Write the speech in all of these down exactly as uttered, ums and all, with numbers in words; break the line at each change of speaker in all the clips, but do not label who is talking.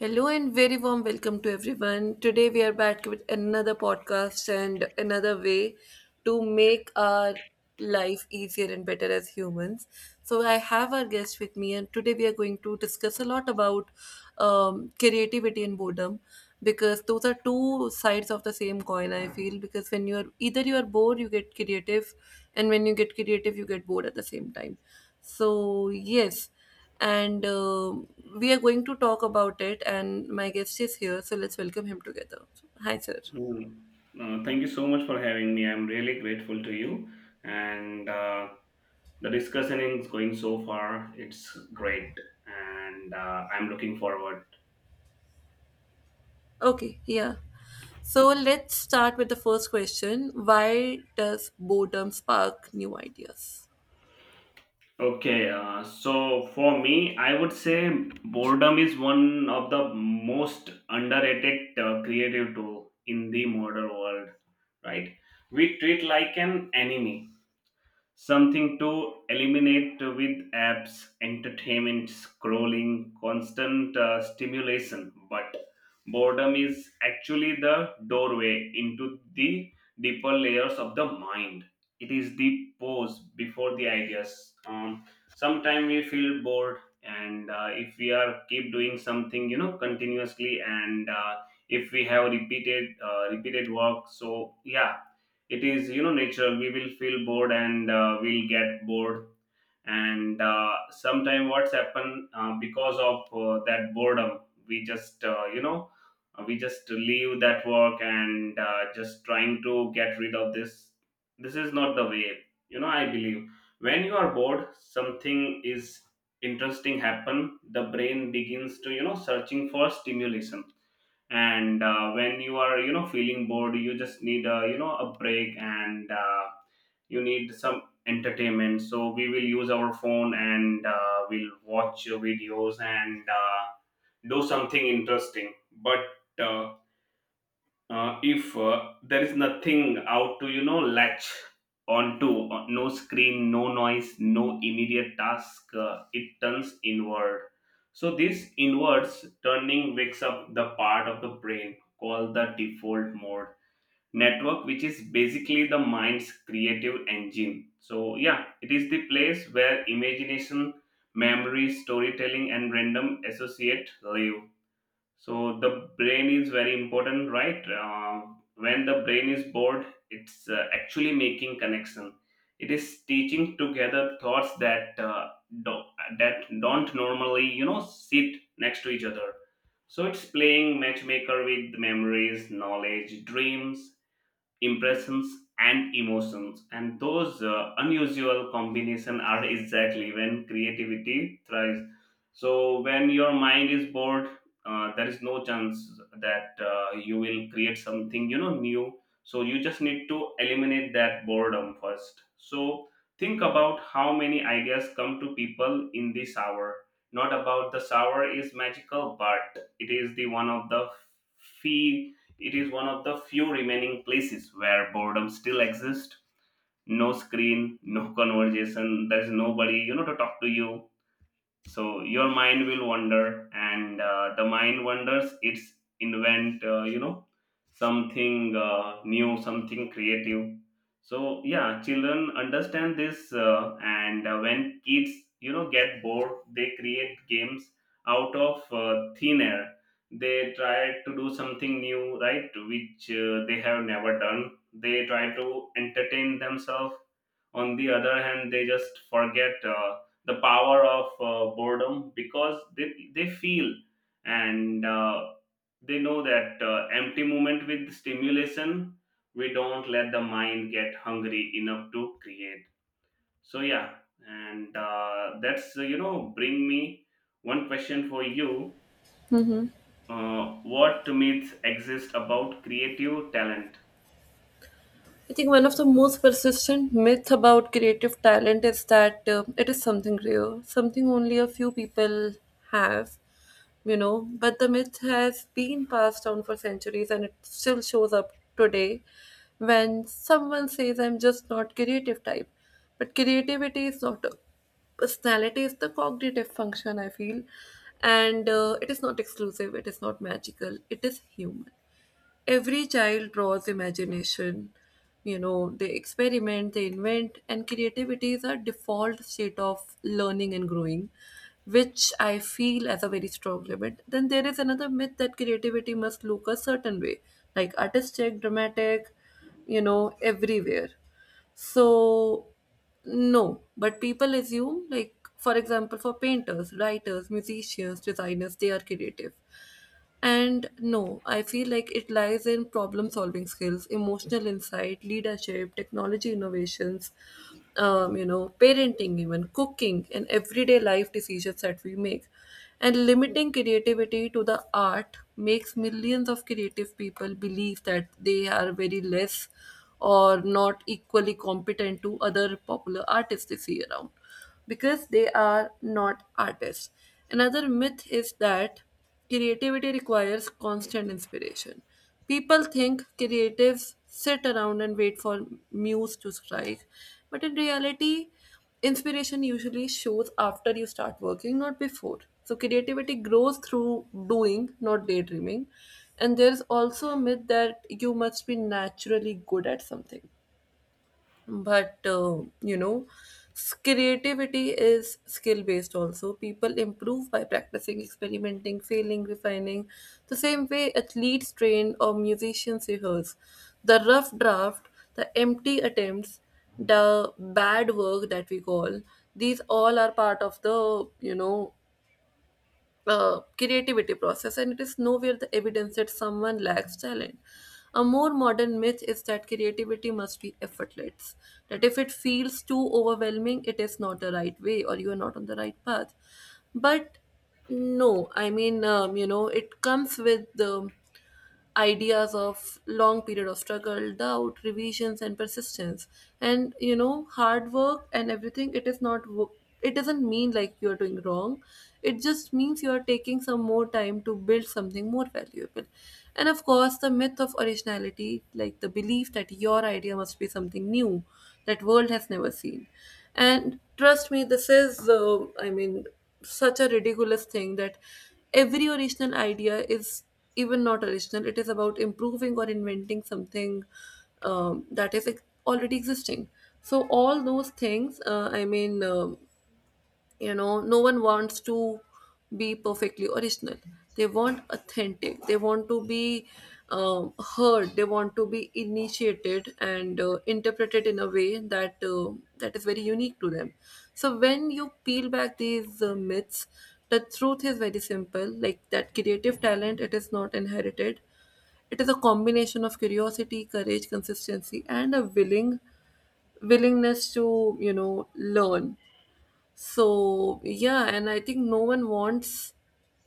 Hello and very warm welcome to everyone. Today we are back with another podcast and another way to make our life easier and better as humans. So I have our guest with me, and today we are going to discuss a lot about um, creativity and boredom because those are two sides of the same coin. I feel because when you are either you are bored, you get creative, and when you get creative, you get bored at the same time. So yes and uh, we are going to talk about it. And my guest is here, so let's welcome him together. Hi, sir.
Hmm. Uh, thank you so much for having me. I'm really grateful to you. And uh, The discussion is going so far. It's great. And uh, I'm looking forward.
Okay, yeah. So let's start with the first question. Why does boredom spark new ideas?
Okay. Uh, so, for me, I would say boredom is one of the most underrated uh, creative tool in the modern world, right? We treat like an enemy, something to eliminate with apps, entertainment, scrolling, constant uh, stimulation. But boredom is actually the doorway into the deeper layers of the mind. It is the pause before the ideas. Um, Sometimes we feel bored, and uh, if we are keep doing something, you know, continuously, and uh, if we have repeated uh, repeated work, so yeah, it is you know natural, we will feel bored, and uh, we'll get bored, and uh, sometime what's happened uh, because of uh, that boredom, we just uh, you know, uh, we just leave that work and uh, just trying to get rid of this. This is not the way, you know. I believe when you are bored, something is interesting happen. The brain begins to, you know, searching for stimulation. And uh, when you are, you know, feeling bored, you just need a, you know, a break, and uh, you need some entertainment. So we will use our phone, and uh, we'll watch videos, and uh, do something interesting. But uh, uh, if uh, there is nothing out to, you know, latch onto uh, no screen, no noise, no immediate task uh, it turns inward. So this inwards turning wakes up the part of the brain called the default mode network, which is basically the mind's creative engine. So yeah, it is the place where imagination, memory, storytelling and random associate live. So the brain is very important, right? Uh, when the brain is bored, it's uh, actually making connection. It is teaching together thoughts that uh, do- that don't normally, you know, sit next to each other. So it's playing matchmaker with memories, knowledge, dreams, impressions and emotions, and those uh, unusual combination are exactly when creativity thrives. So when your mind is bored, uh, there is no chance that uh, you will create something, you know, new. So you just need to eliminate that boredom first. So think about how many ideas come to people in this hour. Not about the shower is magical, but it is the one of the few. It is one of the few remaining places where boredom still exists. No screen, no conversation, there's nobody, you know, to talk to you. So your mind will wander, and uh, the mind wanders, it's invent uh, you know, something uh, new, something creative. So yeah, children understand this uh, And uh, when kids, you know, get bored, they create games out of uh, thin air. They try to do something new, right, which uh, they have never done. They try to entertain themselves. On the other hand, they just forget uh, the power of uh, boredom, because they, they feel, and uh, they know that uh, empty moment with stimulation, we don't let the mind get hungry enough to create. So yeah, and uh, that's uh, you know, bring me one question for you. Uh, what myths exist about creative talent?
I think one of the most persistent myths about creative talent is that uh, it is something rare, something only a few people have, you know. But the myth has been passed down for centuries and it still shows up today when someone says, I'm just not creative type. But creativity is not a personality, it's the cognitive function, I feel. And uh, it is not exclusive, it is not magical, it is human. Every child draws imagination, you know, they experiment, they invent, and creativity is a default state of learning and growing, which I feel as a very strong limit. Then there is another myth that creativity must look a certain way, like artistic, dramatic, you know, everywhere. So, no, but people assume, like, for example, for painters, writers, musicians, designers, they are creative. And no, I feel like it lies in problem solving skills, emotional insight, leadership, technology innovations, um, you know, parenting, even cooking, and everyday life decisions that we make. And limiting creativity to the art makes millions of creative people believe that they are very less or not equally competent to other popular artists they see around because they are not artists. Another myth is that creativity requires constant inspiration. People think creatives sit around and wait for muse to strike, but in reality, inspiration usually shows after you start working, not before. So creativity grows through doing, not daydreaming. And there's also a myth that you must be naturally good at something. But, uh, you know, s- creativity is skill based also. People improve by practicing, experimenting, failing, refining. The same way athletes train or musicians rehearse. The rough draft, the empty attempts, the bad work that we call, these all are part of the, you know, uh, creativity process, and it is nowhere the evidence that someone lacks talent. A more modern myth is that creativity must be effortless, that if it feels too overwhelming, it is not the right way or you are not on the right path. But no, I mean, um, you know, it comes with the ideas of long period of struggle, doubt, revisions, and persistence, and you know, hard work and everything. It is not wo- it doesn't mean like you're doing wrong, it just means you are taking some more time to build something more valuable. And of course, the myth of originality, like the belief that your idea must be something new that world has never seen. And trust me, this is uh, I mean, such a ridiculous thing that every original idea is even not original. It is about improving or inventing something, um, that is ex- already existing. So all those things, uh, I mean, um, you know, no one wants to be perfectly original. They want authentic, they want to be, um, heard, they want to be initiated and uh, interpreted in a way that uh, that is very unique to them. So when you peel back these uh, myths, the truth is very simple, like that creative talent, it is not inherited. It is a combination of curiosity, courage, consistency, and a willing willingness to, you know, learn. So yeah, and I think no one wants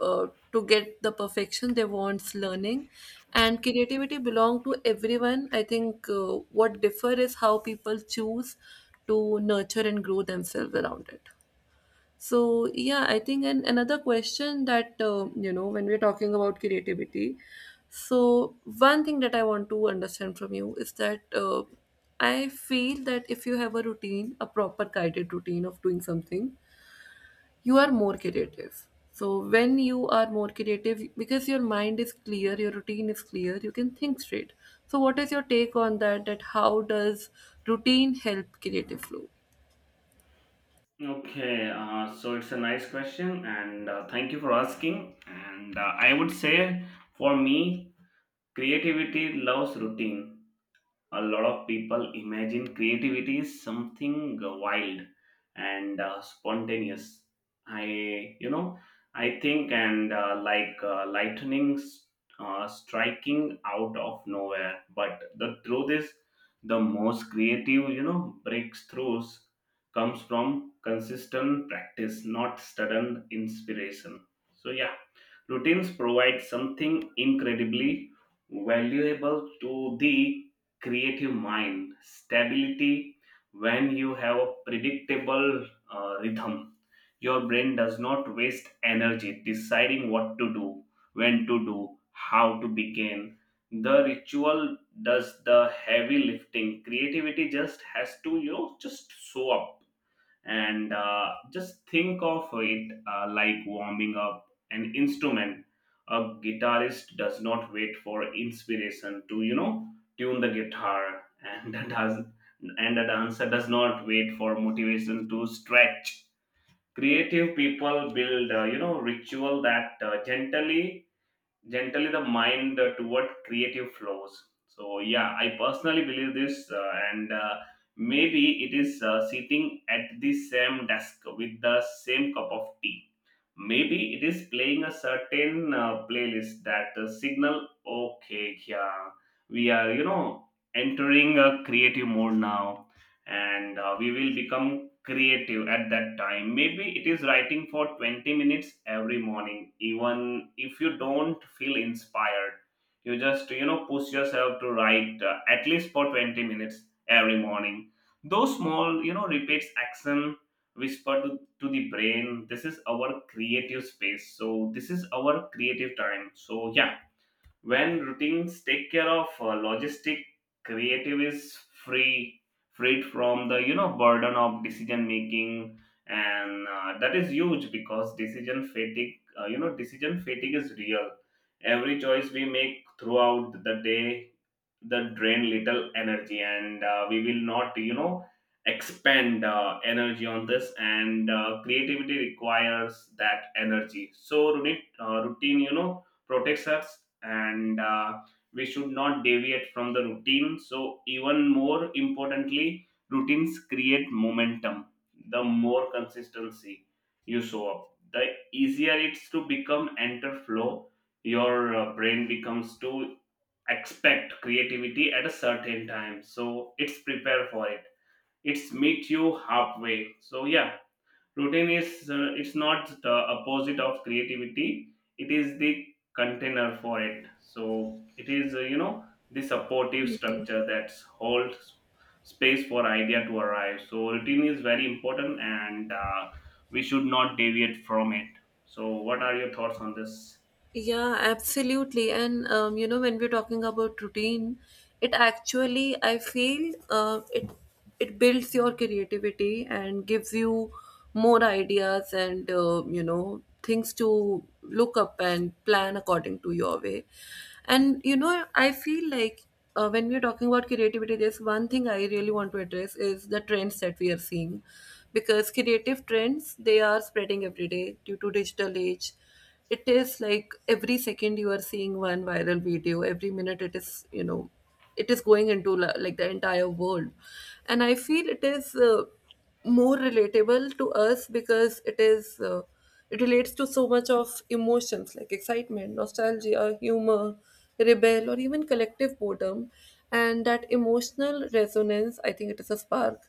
uh, to get the perfection. They wants learning, and creativity belong to everyone. I think uh, what differ is how people choose to nurture and grow themselves around it. So yeah, I think, and another question that uh, you know, when we're talking about creativity, so one thing that I want to understand from you is that uh, I feel that if you have a routine, a proper guided routine of doing something, you are more creative. So when you are more creative, because your mind is clear, your routine is clear, you can think straight. So what is your take on that? That how does routine help creative flow?
Okay, uh, so it's a nice question, and uh, thank you for asking. And uh, I would say, for me, creativity loves routine. A lot of people imagine creativity is something wild and uh, spontaneous. I you know i think, and uh, like uh, lightning uh, striking out of nowhere. But the truth is, the most creative, you know, breakthroughs comes from consistent practice, not sudden inspiration. So yeah, routines provide something incredibly valuable to the creative mind, stability. When you have a predictable uh, rhythm. Your brain does not waste energy deciding what to do, when to do, how to begin. The ritual does the heavy lifting. Creativity just has to, you know, just show up. And uh, just think of it uh, like warming up an instrument. A guitarist does not wait for inspiration to, you know, tune the guitar and does. And a dancer does not wait for motivation to stretch. Creative people build uh, you know, ritual that uh, gently gently the mind uh, toward creative flows. So yeah, I personally believe this, uh, And uh, maybe it is uh, sitting at the same desk with the same cup of tea. Maybe it is playing a certain uh, playlist that uh, signal, okay, yeah, we are, you know, entering a creative mode now, and uh, we will become creative at that time. Maybe it is writing for twenty minutes every morning, even if you don't feel inspired. You just, you know, push yourself to write uh, at least for twenty minutes every morning. Those small, you know, repeats action whisper to to the brain, this is our creative space, so this is our creative time. So yeah, when routines take care of uh, logistic, creative is free, freed from the, you know, burden of decision making. And uh, that is huge, because decision fatigue uh, you know, decision fatigue is real. Every choice we make throughout the day, that drain little energy, and uh, we will not, you know, expend uh, energy on this, and uh, creativity requires that energy. So routine, uh, routine, you know, protects us, and uh, we should not deviate from the routine. So even more importantly, routines create momentum. The more consistency you show up, the easier it's to become enter flow. Your uh, brain becomes to expect creativity at a certain time, so it's prepare for it, it's meet you halfway. So yeah, routine is uh, it's not the opposite of creativity, it is the container for it. So it is, uh, you know, the supportive structure that holds space for idea to arrive. So routine is very important, and uh, we should not deviate from it. So what are your thoughts on this?
Yeah, absolutely. And um, you know, when we're talking about routine, it actually I feel uh, it it builds your creativity and gives you more ideas and uh, you know, things to look up and plan according to your way. And you know, I feel like uh, when we're talking about creativity, there's one thing I really want to address is the trends that we are seeing, because creative trends, they are spreading every day due to digital age. It is like every second you are seeing one viral video, every minute it is, you know, it is going into la- like the entire world. And I feel it is uh, more relatable to us because it is, uh, it relates to so much of emotions, like excitement, nostalgia, humor, rebel, or even collective boredom. And that emotional resonance, I think it is a spark,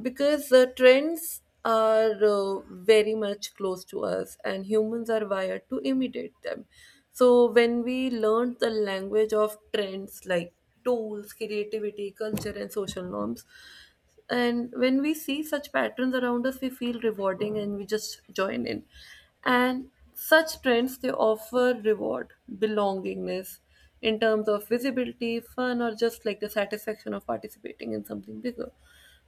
because the trends are uh, very much close to us and humans are wired to imitate them. So when we learn the language of trends, like tools, creativity, culture, and social norms, and when we see such patterns around us, we feel rewarding and we just join in. And such trends, they offer reward, belongingness, in terms of visibility, fun, or just like the satisfaction of participating in something bigger.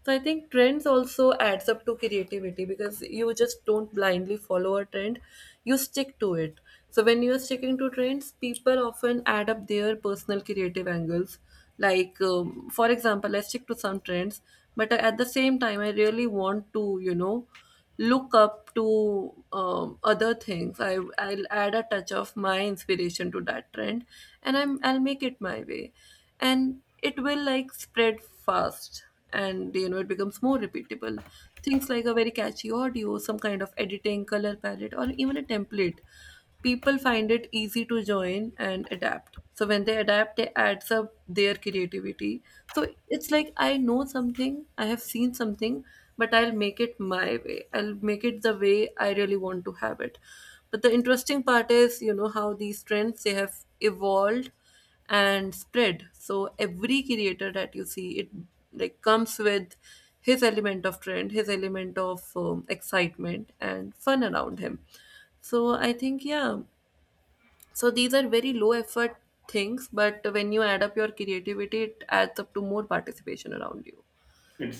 So I think trends also adds up to creativity, because you just don't blindly follow a trend, you stick to it. So when you are sticking to trends, people often add up their personal creative angles. Like um, for example, I stick to some trends, but at the same time, I really want to, you know, look up to, um, other things. I, I'll add a touch of my inspiration to that trend, and I'm, I'll make it my way. And it will like spread fast, and you know, it becomes more repeatable. Things like a very catchy audio, some kind of editing, color palette, or even a template. People find it easy to join and adapt, so when they adapt, they adds up their creativity. So it's like I know something, I have seen something, but I'll make it my way, I'll make it the way I really want to have it. But the interesting part is, you know, how these trends they have evolved and spread. So every creator that you see it, like, comes with his element of trend, his element of, um, excitement and fun around him. So I think, yeah, so these are very low effort things, but when you add up your creativity, it adds up to more participation around you.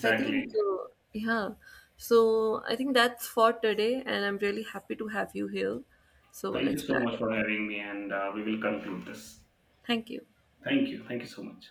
So I think, uh, yeah. So I think that's for today, and I'm really happy to have you here. So
Thank you
let's
so
plan
much
it.
for having me, and uh, we will conclude this.
Thank you.
Thank you, thank you so much.